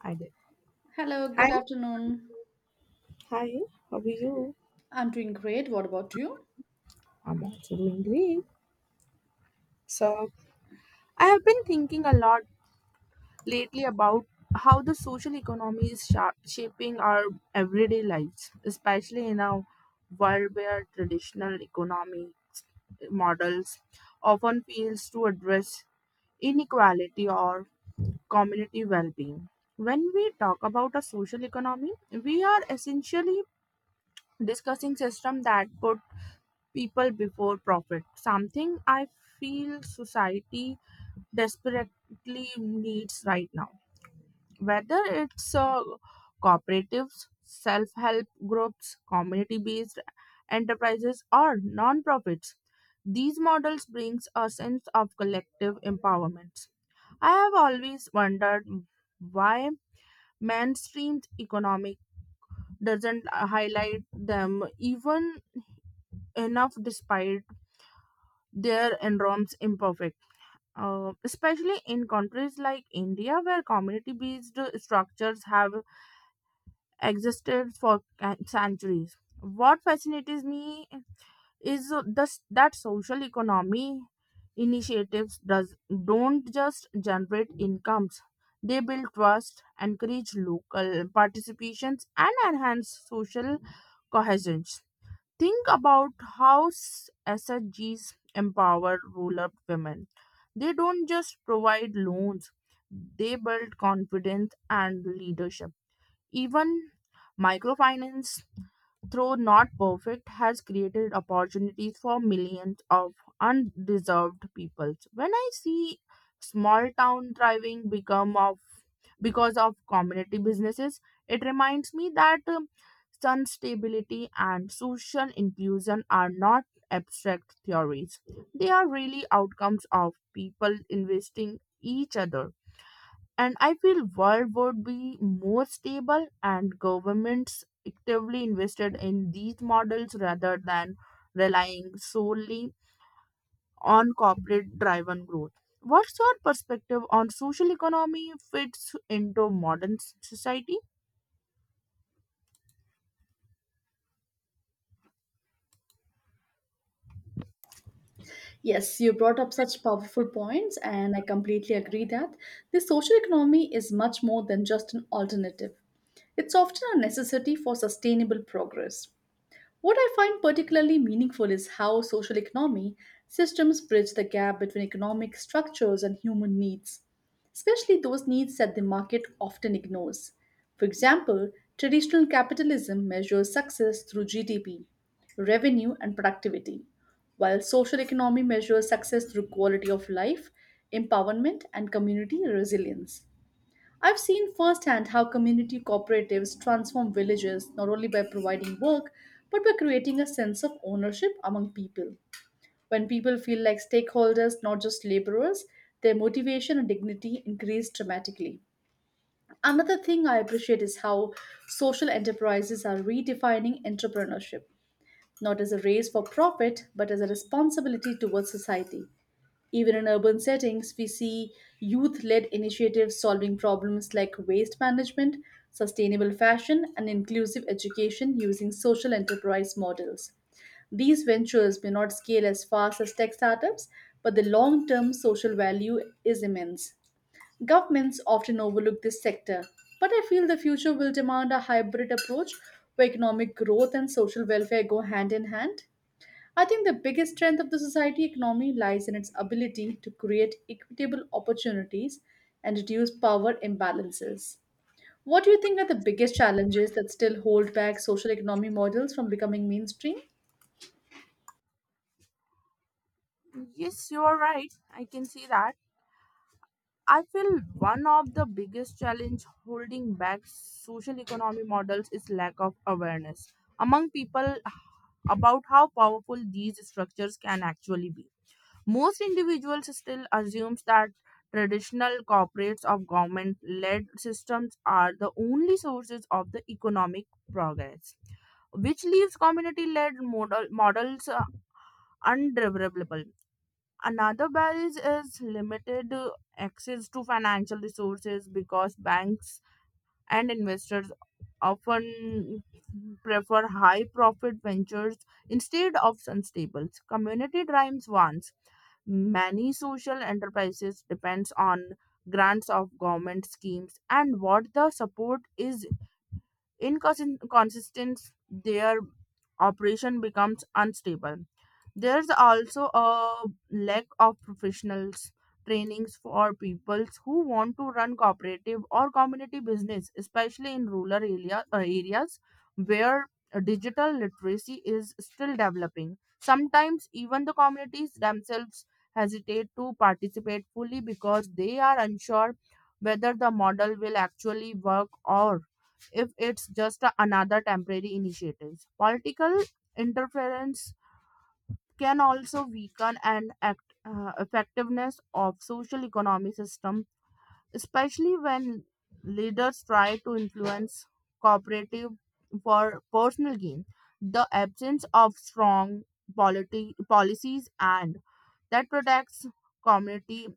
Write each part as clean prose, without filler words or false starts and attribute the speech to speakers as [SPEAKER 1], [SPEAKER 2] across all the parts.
[SPEAKER 1] I did.
[SPEAKER 2] Hello,
[SPEAKER 1] Hi.
[SPEAKER 2] good afternoon.
[SPEAKER 1] Hi. How are you?
[SPEAKER 2] I'm doing great. What about you?
[SPEAKER 1] I'm also doing great. So, I have been thinking a lot lately about how the social economy is shaping our everyday lives, especially in a world where traditional economic models often fails to address inequality or community well-being. When we talk about a social economy, we are essentially discussing system that put people before profit, something I feel society desperately needs right now. Whether it's cooperatives, self help groups, community based enterprises, or non profits, these models brings a sense of collective empowerment. I have always wondered why mainstream economic doesn't highlight them even enough despite their enormous imperfection. Especially in countries like India, where community based structures have existed for centuries. What fascinates me is this, that social economy initiatives don't just generate incomes, they build trust, encourage local participations, and enhance social cohesion. Think about how SSGs empower rural women. They don't just provide loans, they build confidence and leadership. Even microfinance though not perfect, has created opportunities for millions of undeserved peoples. When I see small town thriving become of because of community businesses, it reminds me that sun stability and social inclusion are not abstract theories. They are really outcomes of people investing each other, and I feel world would be more stable and governments actively invested in these models rather than relying solely on corporate driven growth. What's your perspective on social economy fits into modern society?
[SPEAKER 2] Yes, you brought up such powerful points, and I completely agree that the social economy is much more than just an alternative. It's often a necessity for sustainable progress. What I find particularly meaningful is how social economy systems bridge the gap between economic structures and human needs, especially those needs that the market often ignores. For example, traditional capitalism measures success through GDP, revenue, and productivity, while social economy measures success through quality of life, empowerment, and community resilience. I've seen firsthand how community cooperatives transform villages not only by providing work, but by creating a sense of ownership among people. When people feel like stakeholders, not just laborers, their motivation and dignity increase dramatically. Another thing I appreciate is how social enterprises are redefining entrepreneurship, not as a race for profit, but as a responsibility towards society. Even in urban settings, we see youth led initiatives solving problems like waste management, sustainable fashion, and inclusive education using social enterprise models. These ventures may not scale as fast as tech startups, but the long term social value is immense. Governments often overlook this sector, but I feel the future will demand a hybrid approach where economic growth and social welfare go hand in hand. I think the biggest strength of the society economy lies in its ability to create equitable opportunities and reduce power imbalances. What do you think are the biggest challenges that still hold back social economy models from becoming mainstream?
[SPEAKER 1] Yes, you are right. I can see that. I feel one of the biggest challenge holding back social economy models is lack of awareness among people about how powerful these structures can actually be. Most individuals still assumes that traditional corporates of government-led systems are the only sources of the economic progress, which leaves community-led models undevelopable. Another barrier is limited access to financial resources because banks and investors often prefer high profit ventures instead of unstable community driven ones. Many social enterprises depends on grants of government schemes, and what the support is inconsistent, their operation becomes unstable. There's also a lack of professionals trainings for people who want to run cooperative or community business, especially in rural areas where digital literacy is still developing. Sometimes even the communities themselves hesitate to participate fully because they are unsure whether the model will actually work or if it's just another temporary initiative. Political interference can also weaken effectiveness of social economy system, especially when leaders try to influence cooperative for personal gain. The absence of strong policies and that protects community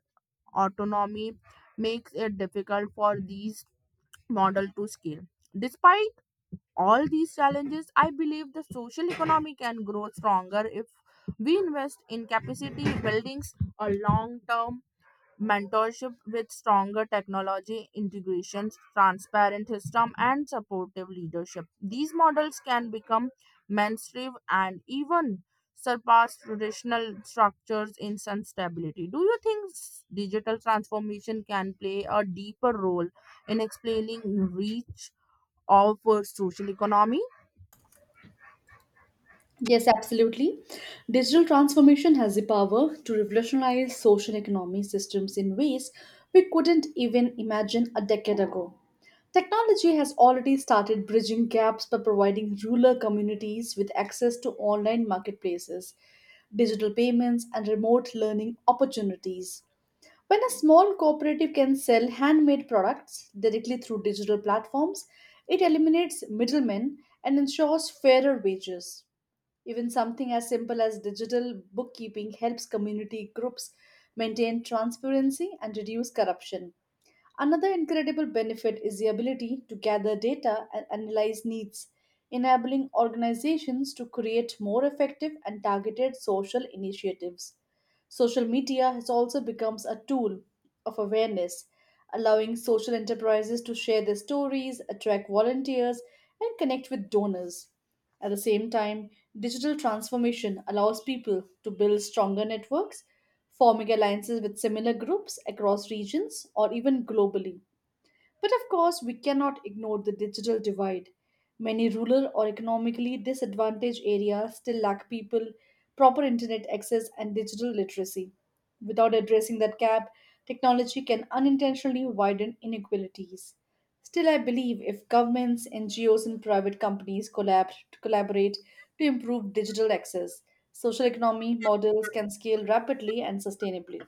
[SPEAKER 1] autonomy makes it difficult for these model to scale. Despite all these challenges, I believe the social economy can grow stronger if we invest in capacity buildings, a long term mentorship with stronger technology integrations, transparent system, and supportive leadership. These models can become mainstream and even surpass traditional structures in sustainability. Do you think digital transformation can play a deeper role in explaining reach of social economy?
[SPEAKER 2] Yes, absolutely. Digital transformation has the power to revolutionize social economy systems in ways we couldn't even imagine a decade ago. Technology has already started bridging gaps by providing rural communities with access to online marketplaces, digital payments, and remote learning opportunities. When a small cooperative can sell handmade products directly through digital platforms, it eliminates middlemen and ensures fairer wages. Even something as simple as digital bookkeeping helps community groups maintain transparency and reduce corruption. Another incredible benefit is the ability to gather data and analyze needs, enabling organizations to create more effective and targeted social initiatives. Social media has also become a tool of awareness, allowing social enterprises to share their stories, attract volunteers, and connect with donors. At the same time, digital transformation allows people to build stronger networks, forming alliances with similar groups across regions or even globally. But of course, we cannot ignore the digital divide. Many rural or economically disadvantaged areas still lack people, proper internet access, and digital literacy. Without addressing that gap, technology can unintentionally widen inequalities. Still, I believe if governments, NGOs, and private companies collaborate to improve digital access, social economy models can scale rapidly and sustainably.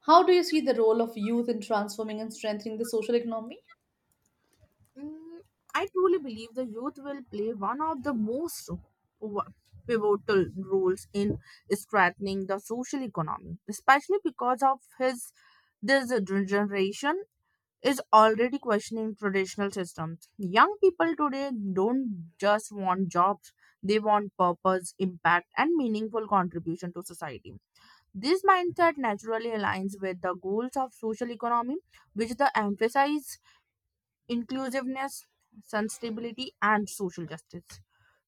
[SPEAKER 2] How do you see the role of youth in transforming and strengthening the social economy?
[SPEAKER 1] Mm, I truly believe the youth will play one of the most wa- pivotal roles in strengthening the social economy, especially because of his this generation is already questioning traditional systems. Young people today don't just want jobs; they want purpose, impact, and meaningful contribution to society. This mindset naturally aligns with the goals of social economy, which the emphasize inclusiveness, sustainability, and social justice.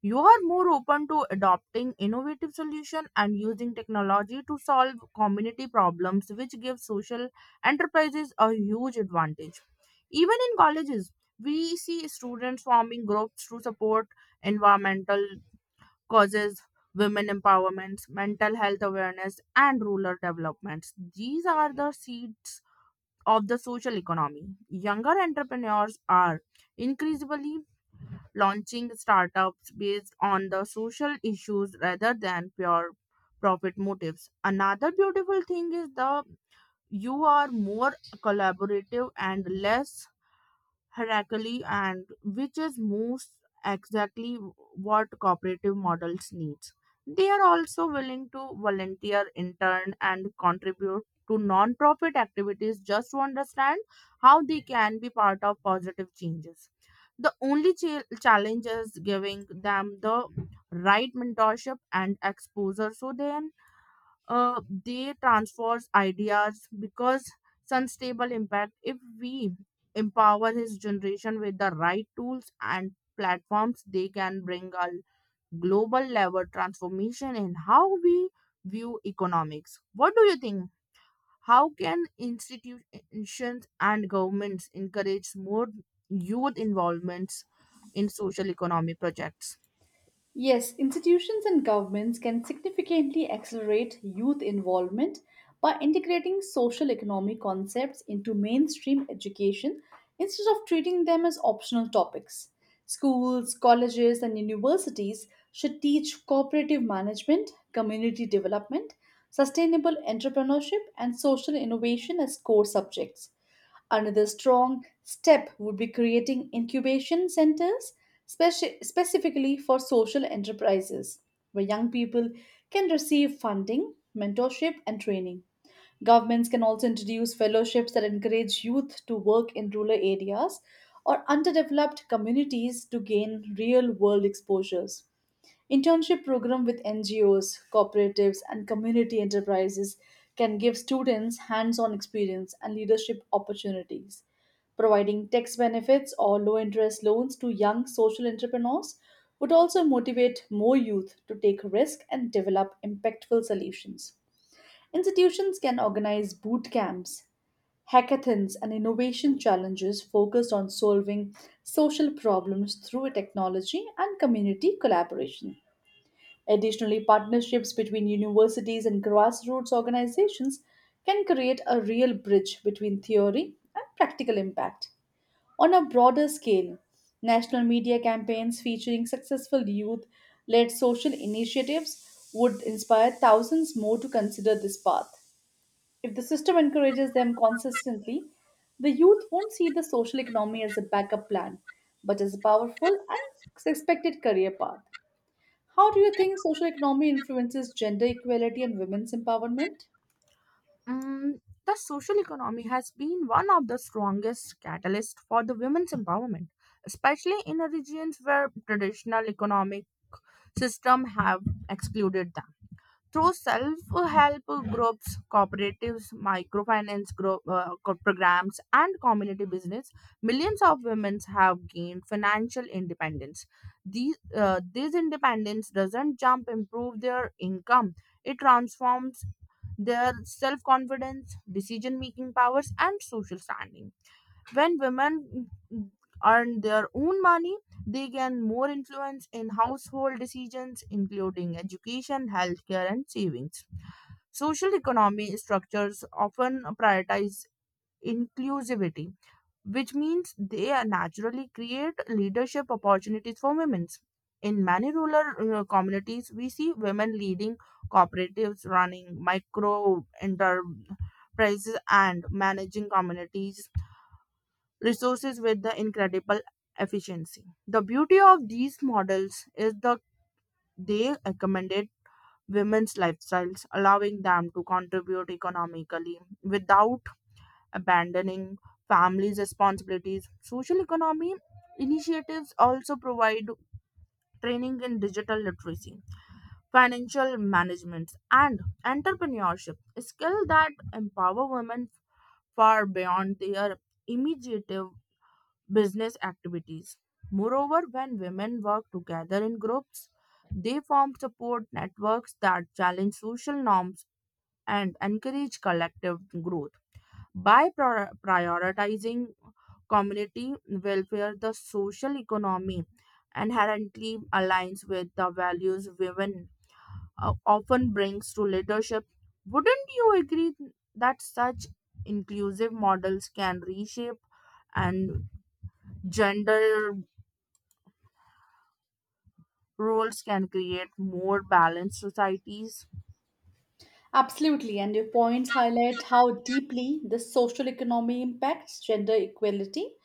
[SPEAKER 1] You are more open to adopting innovative solutions and using technology to solve community problems, which gives social enterprises a huge advantage. Even in colleges, we see students forming groups to support environmental causes, women empowerment, mental health awareness, and rural developments. These are the seeds of the social economy. Younger entrepreneurs are increasingly launching startups based on the social issues rather than pure profit motives. Another beautiful thing is the you are more collaborative and less hierarchy, and which is most exactly what cooperative models needs. They are also willing to volunteer intern and contribute to non-profit activities just to understand how they can be part of positive changes. The only challenge is giving them the right mentorship and exposure so they transfers ideas because unstable impact. If we empower his generation with the right tools and platforms, they can bring a global level transformation in how we view economics. What do you think, how can institutions and governments encourage more youth involvements in social economy projects?
[SPEAKER 2] Yes, institutions and governments can significantly accelerate youth involvement by integrating social economic concepts into mainstream education instead of treating them as optional topics. Schools, colleges, and universities should teach cooperative management, community development, sustainable entrepreneurship, and social innovation as core subjects. Another strong step would be creating incubation centers specifically for social enterprises, where young people can receive funding, mentorship, and training. Governments can also introduce fellowships that encourage youth to work in rural areas or underdeveloped communities to gain real world exposures. Internship program with NGOs, cooperatives and community enterprises can give students hands-on experience and leadership opportunities. Providing tax benefits or low-interest loans to young social entrepreneurs would also motivate more youth to take risk and develop impactful solutions. Institutions can organize boot camps, hackathons, and innovation challenges focused on solving social problems through technology and community collaboration. Additionally, partnerships between universities and grassroots organizations can create a real bridge between theory and practical impact. On a broader scale, national media campaigns featuring successful youth led social initiatives would inspire thousands more to consider this path. If the system encourages them consistently, the youth won't see the social economy as a backup plan, but as a powerful and expected career path. How do you think social economy influences gender equality and women's empowerment?
[SPEAKER 1] Mm, the social economy has been one of the strongest catalysts for the women's empowerment, especially in the regions where traditional economic system have excluded them. Through self-help groups, cooperatives, microfinance programs, and community business, millions of women have gained financial independence. This independence doesn't jump improve their income. It transforms their self-confidence, decision-making powers, and social standing. When women earn their own money, they gain more influence in household decisions including education, healthcare, and savings. Social economy structures often prioritize inclusivity, which means they naturally create leadership opportunities for women. In many rural communities, we see women leading cooperatives, running micro enterprises, and managing communities resources with the incredible efficiency. The beauty of these models is that they accommodate women's lifestyles, allowing them to contribute economically without abandoning families' responsibilities. Social economy initiatives also provide training in digital literacy, financial management, and entrepreneurship, skills that empower women far beyond their immediate business activities. Moreover, when women work together in groups, they form support networks that challenge social norms and encourage collective growth. By prioritizing community welfare, the social economy inherently aligns with the values women often brings to leadership. Wouldn't you agree that such inclusive models can reshape and gender roles can create more balanced societies.
[SPEAKER 2] Absolutely, and your points highlight how deeply the social economy impacts gender equality.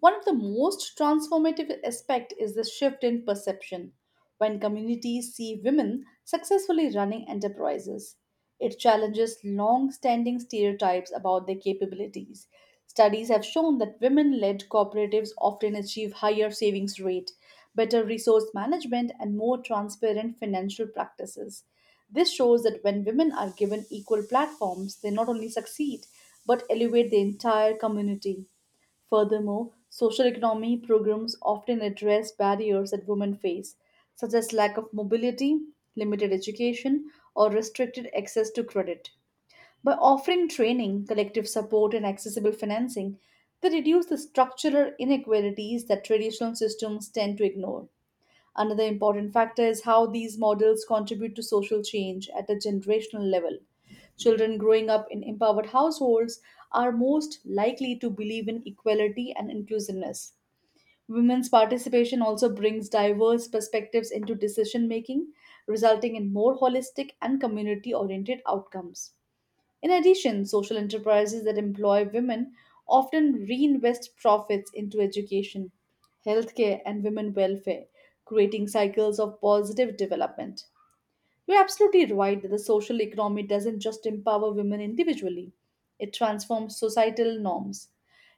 [SPEAKER 2] One of the most transformative aspects is the shift in perception. When communities see women successfully running enterprises, it challenges long standing stereotypes about their capabilities. Studies have shown that women led cooperatives often achieve higher savings rate, better resource management, and more transparent financial practices. This shows that when women are given equal platforms, they not only succeed but elevate the entire community. Furthermore, social economy programs often address barriers that women face, such as lack of mobility, limited education, or restricted access to credit. By offering training, collective support, and accessible financing, they reduce the structural inequalities that traditional systems tend to ignore. Another important factor is how these models contribute to social change at a generational level. Children growing up in empowered households are most likely to believe in equality and inclusiveness. Women's participation also brings diverse perspectives into decision making, resulting in more holistic and community oriented outcomes. In addition, social enterprises that employ women often reinvest profits into education, healthcare, and women welfare, creating cycles of positive development. You're absolutely right that the social economy doesn't just empower women individually, it transforms societal norms.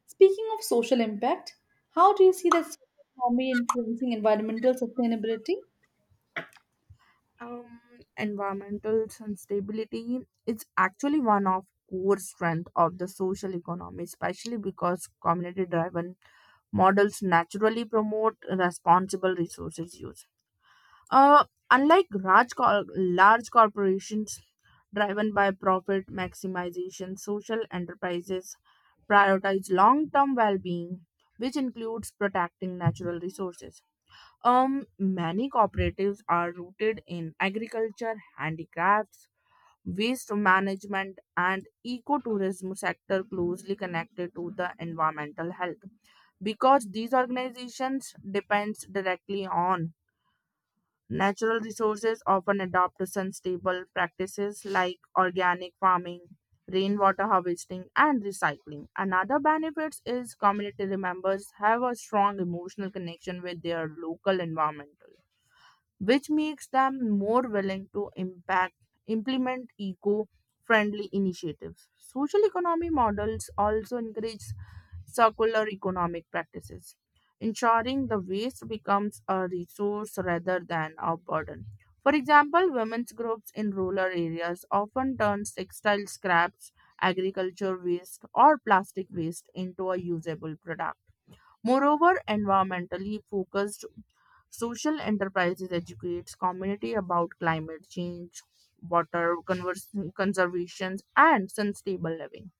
[SPEAKER 2] Speaking of social impact, how do you see that social economy influencing environmental sustainability?
[SPEAKER 1] Um, Environmental sustainability is actually one of core strength of the social economy, especially because community-driven models naturally promote responsible resources use. Uh, Unlike large corporations driven by profit maximization, social enterprises prioritize long-term well-being, which includes protecting natural resources. Many cooperatives are rooted in agriculture, handicrafts, waste management, and ecotourism sector closely connected to the environmental health. Because these organizations depends directly on natural resources, often adopt sustainable practices like organic farming, rainwater harvesting, and recycling. Another benefit is community members have a strong emotional connection with their local environment, which makes them more willing to impact implement eco-friendly initiatives. Social economy models also encourage circular economic practices, ensuring the waste becomes a resource rather than a burden. For example, women's groups in rural areas often turn textile scraps, agriculture waste, or plastic waste into a usable product. Moreover, environmentally focused social enterprises educates community about climate change, water convers- conservation, and sustainable living.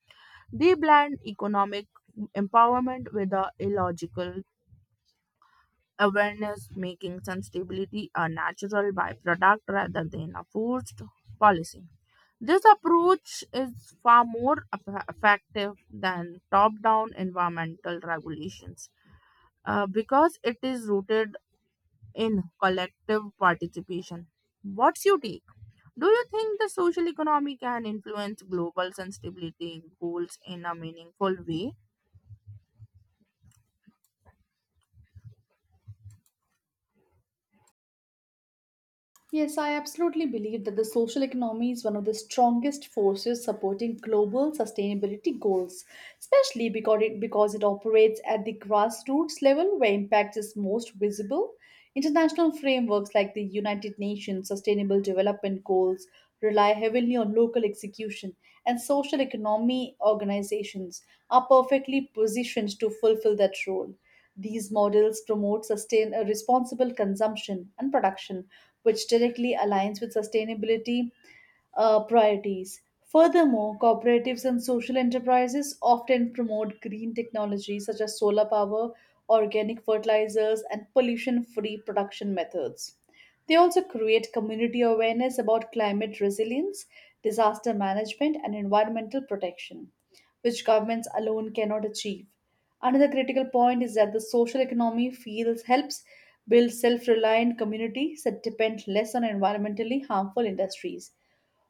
[SPEAKER 1] They blend economic empowerment with a illogical awareness, making sustainability a natural byproduct rather than a forced policy. This approach is far more effective than top-down environmental regulations, because it is rooted in collective participation. What's your take? Do you think the social economy can influence global sustainability goals in a meaningful way?
[SPEAKER 2] Yes, I absolutely believe that the social economy is one of the strongest forces supporting global sustainability goals, especially because it operates at the grassroots level where impact is most visible. International frameworks like the United Nations Sustainable Development Goals rely heavily on local execution, and social economy organizations are perfectly positioned to fulfill that role. These models promote sustain responsible consumption and production, which directly aligns with sustainability priorities. Furthermore, cooperatives and social enterprises often promote green technologies such as solar power, organic fertilizers, and pollution free production methods. They also create community awareness about climate resilience, disaster management, and environmental protection, which governments alone cannot achieve. Another critical point is that the social economy feels helps build self-reliant communities that depend less on environmentally harmful industries.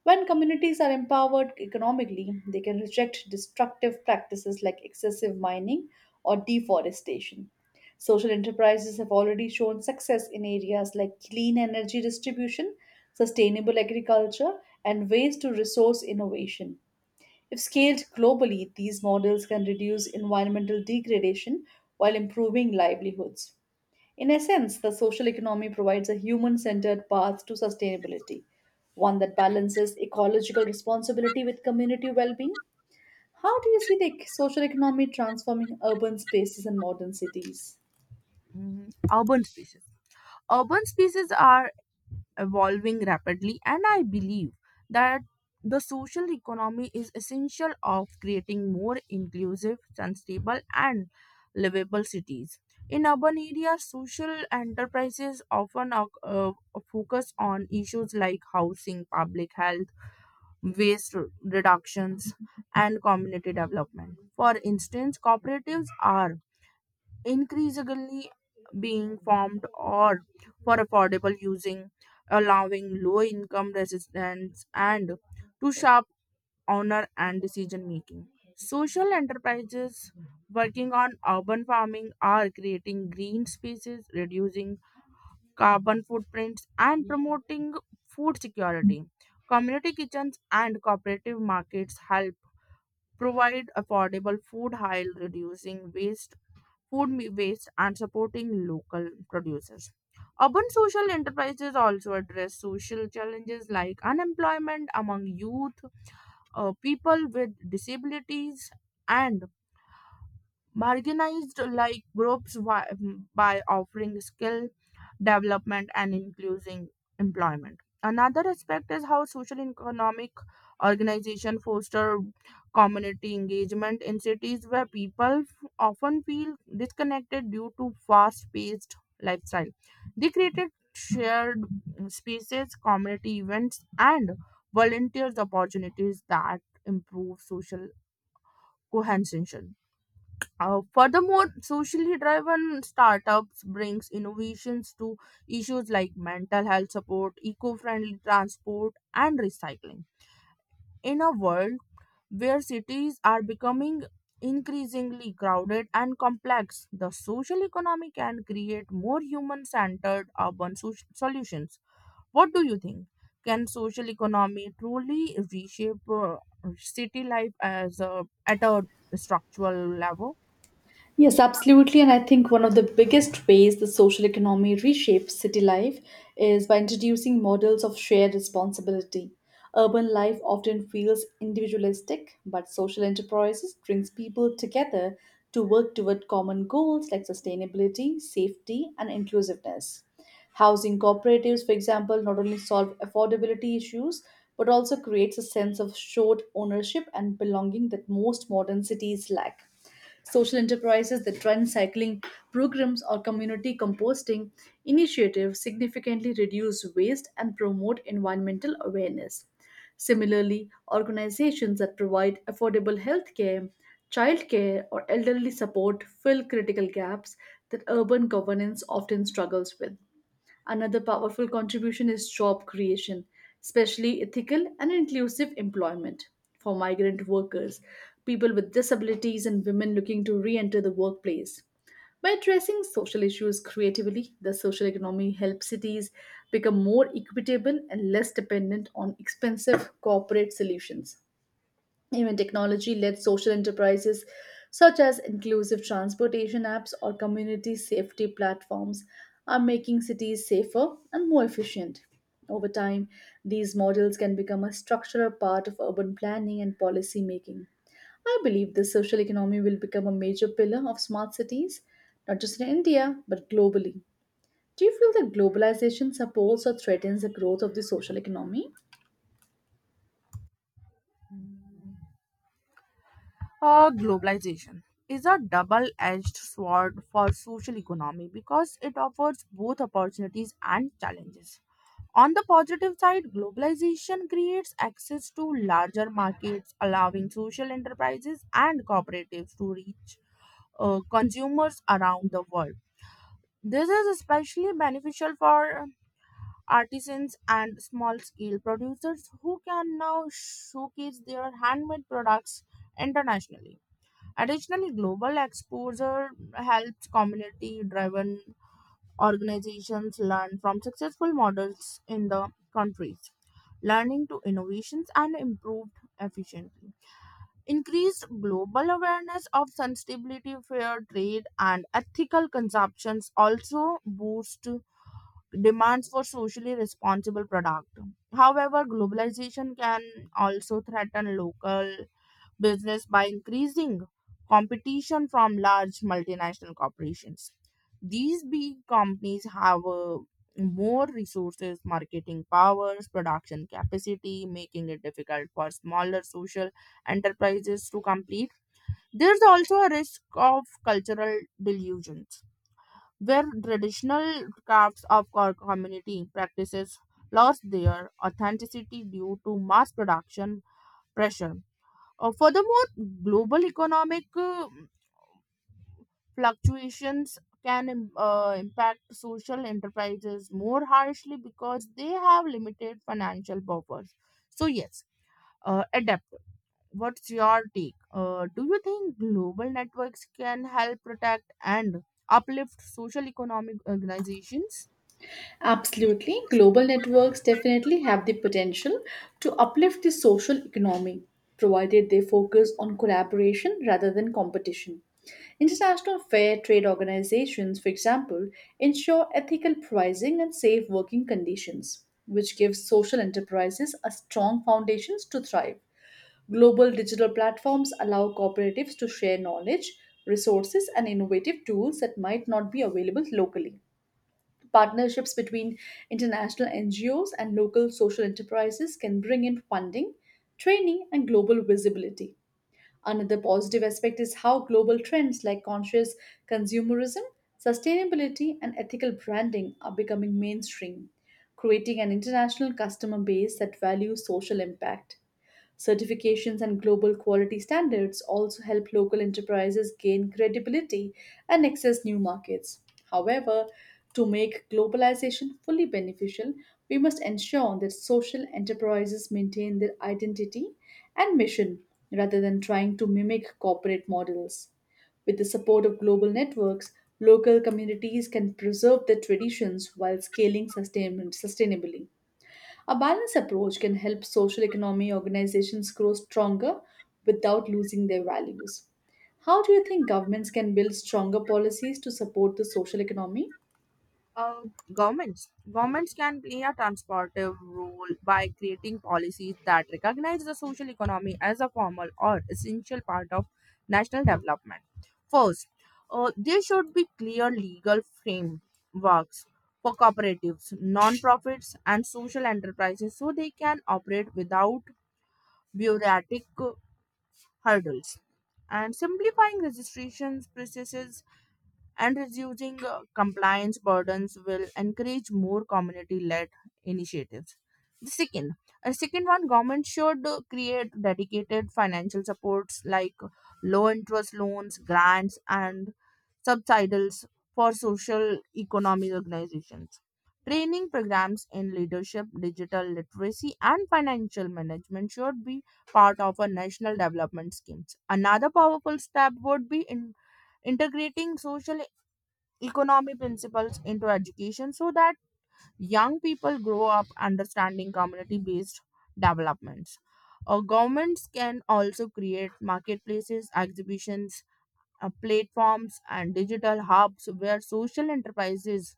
[SPEAKER 2] When communities are empowered economically, they can reject destructive practices like excessive mining or deforestation. Social enterprises have already shown success in areas like clean energy distribution, sustainable agriculture, and waste to resource innovation. If scaled globally, these models can reduce environmental degradation while improving livelihoods. In essence, the social economy provides a human centered path to sustainability, one that balances ecological responsibility with community well being. How do you see the social economy transforming urban spaces and modern cities?
[SPEAKER 1] Mm, urban spaces. Urban spaces are evolving rapidly and I believe that the social economy is essential of creating more inclusive sustainable and livable cities. In urban areas, social enterprises often uh, focus on issues like housing, public health, waste reductions, and community development. For instance, cooperatives are increasingly being formed or for affordable using, allowing low income resistance and to sharp owner and decision making. Social enterprises working on urban farming are creating green spaces, reducing carbon footprints, and promoting food security. Community kitchens and cooperative markets help provide affordable food while reducing waste, and supporting local producers. Urban social enterprises also address social challenges like unemployment among youth, people with disabilities, and marginalized like groups wi- by offering skills development and increasing employment. Another aspect is how social and economic organization foster community engagement in cities where often feel disconnected due to fast-paced lifestyle. They created shared spaces, community events, and volunteers opportunities that improve social cohesion. Furthermore, socially driven startups brings innovations to issues like mental health support, eco-friendly transport, and recycling. In a world where cities are becoming increasingly crowded and complex, the social economy can create more human-centered urban solutions. What do you think? Can social economy truly reshape city life at a structural level?
[SPEAKER 2] Yes, absolutely. And I think one of the biggest ways the social economy reshapes city life is by introducing models of shared responsibility. Urban life often feels individualistic, but social enterprises brings people together to work toward common goals like sustainability, safety, and inclusiveness. Housing cooperatives, for example, not only solve affordability issues but also creates a sense of shared ownership and belonging that most modern cities lack social enterprises the trend cycling programs or community composting initiatives significantly reduce waste and promote environmental awareness. Similarly, organizations that provide affordable health care, childcare, or elderly support fill critical gaps that urban governance often struggles with. Another powerful contribution is job creation, especially ethical and inclusive employment for migrant workers, people with disabilities, and women looking to re enter the workplace. By addressing social issues creatively, the social economy helps cities become more equitable and less dependent on expensive corporate solutions. Even technology led social enterprises such as inclusive transportation apps or community safety platforms are making cities safer and more efficient. Over time, these models can become a structural part of urban planning and policy making. I believe the social economy will become a major pillar of smart cities, not just in India, but globally. Do you feel that globalization supports or threatens the growth of the social economy?
[SPEAKER 1] Globalization is a double edged sword for social economy because it offers both opportunities and challenges. On the positive side, globalization creates access to larger markets, allowing social enterprises and cooperatives to reach consumers around the world. This is especially beneficial for artisans and small scale producers who can now showcase their handmade products internationally. Additionally, global exposure helps community driven organizations learn from successful models in the countries, learning to innovations and improved efficiency. Increased global awareness of sustainability, fair trade, and ethical consumptions also boost demands for socially responsible product. However, globalization can also threaten local business by increasing competition from large multinational corporations. These big companies have more resources, marketing powers, production capacity, making it difficult for smaller social enterprises to compete. There's also a risk of cultural delusions, where traditional crafts of our community practices lost their authenticity due to mass production pressure. Furthermore, global economic fluctuations can impact social enterprises more harshly because they have limited financial buffers. So, yes, adapt. What's your take? Do you think global networks can help protect and uplift social economic organizations?
[SPEAKER 2] Absolutely. Global networks definitely have the potential to uplift the social economy, provided they focus on collaboration rather than competition. International fair trade organizations, for example, ensure ethical pricing and safe working conditions, which gives social enterprises a strong foundation to thrive. Global digital platforms allow cooperatives to share knowledge, resources, and innovative tools that might not be available locally. Partnerships between international NGOs and local social enterprises can bring in funding, training, and global visibility. Another positive aspect is how global trends like conscious consumerism, sustainability, and ethical branding are becoming mainstream, creating an international customer base that values social impact. Certifications and global quality standards also help local enterprises gain credibility and access new markets. However, to make globalization fully beneficial, we must ensure that social enterprises maintain their identity and mission rather than trying to mimic corporate models. With the support of global networks, local communities can preserve their traditions while scaling sustainably. A balanced approach can help social economy organizations grow stronger without losing their values. How do you think governments can build stronger policies to support the social economy?
[SPEAKER 1] Uh, governments can play a transportive role by creating policies that recognize the social economy as a formal or essential part of national development. First, there should be clear legal frameworks for cooperatives, non-profits, and social enterprises so they can operate without bureaucratic hurdles. And simplifying registrations processes and reducing compliance burdens will encourage more community-led initiatives. The second, a second one, government should create dedicated financial supports like low-interest loans, grants, and subsidies for social economic organizations. Training programs in leadership, digital literacy, and financial management should be part of a national development schemes. Another powerful step would be in integrating social economy principles into education so that young people grow up understanding community based developments. Governments can also create marketplaces, exhibitions, platforms, and digital hubs where social enterprises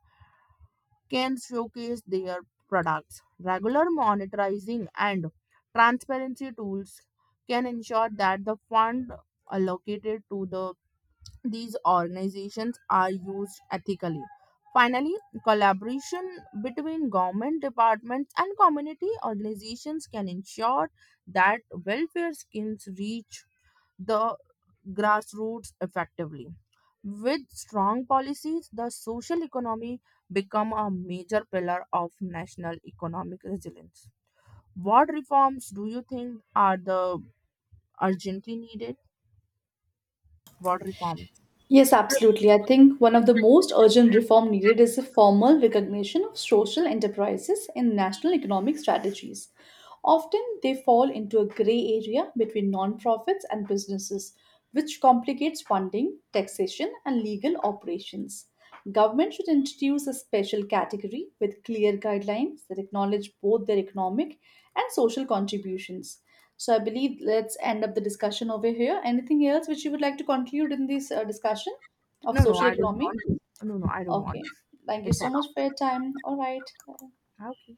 [SPEAKER 1] can showcase their products. Regular monetizing and transparency tools can ensure that the fund allocated to these organizations are used ethically. Finally, collaboration between government departments and community organizations can ensure that welfare schemes reach the grassroots effectively. With strong policies, the social economy become a major pillar of national economic resilience. What reforms do you think are the urgently needed? What reforms?
[SPEAKER 2] Yes, absolutely. I think one of the most urgent reform needed is the formal recognition of social enterprises in national economic strategies. Often they fall into a gray area between nonprofits and businesses, which complicates funding, taxation, and legal operations. Government should introduce a special category with clear guidelines that acknowledge both their economic and social contributions. So I believe let's end up the discussion over here. Anything else which you would like to conclude in this discussion of
[SPEAKER 1] No, no,
[SPEAKER 2] social
[SPEAKER 1] I don't
[SPEAKER 2] economy?
[SPEAKER 1] want. No, no, I don't want.
[SPEAKER 2] Okay. Thank you
[SPEAKER 1] It's
[SPEAKER 2] so
[SPEAKER 1] an
[SPEAKER 2] much for your time. All right.
[SPEAKER 1] Okay.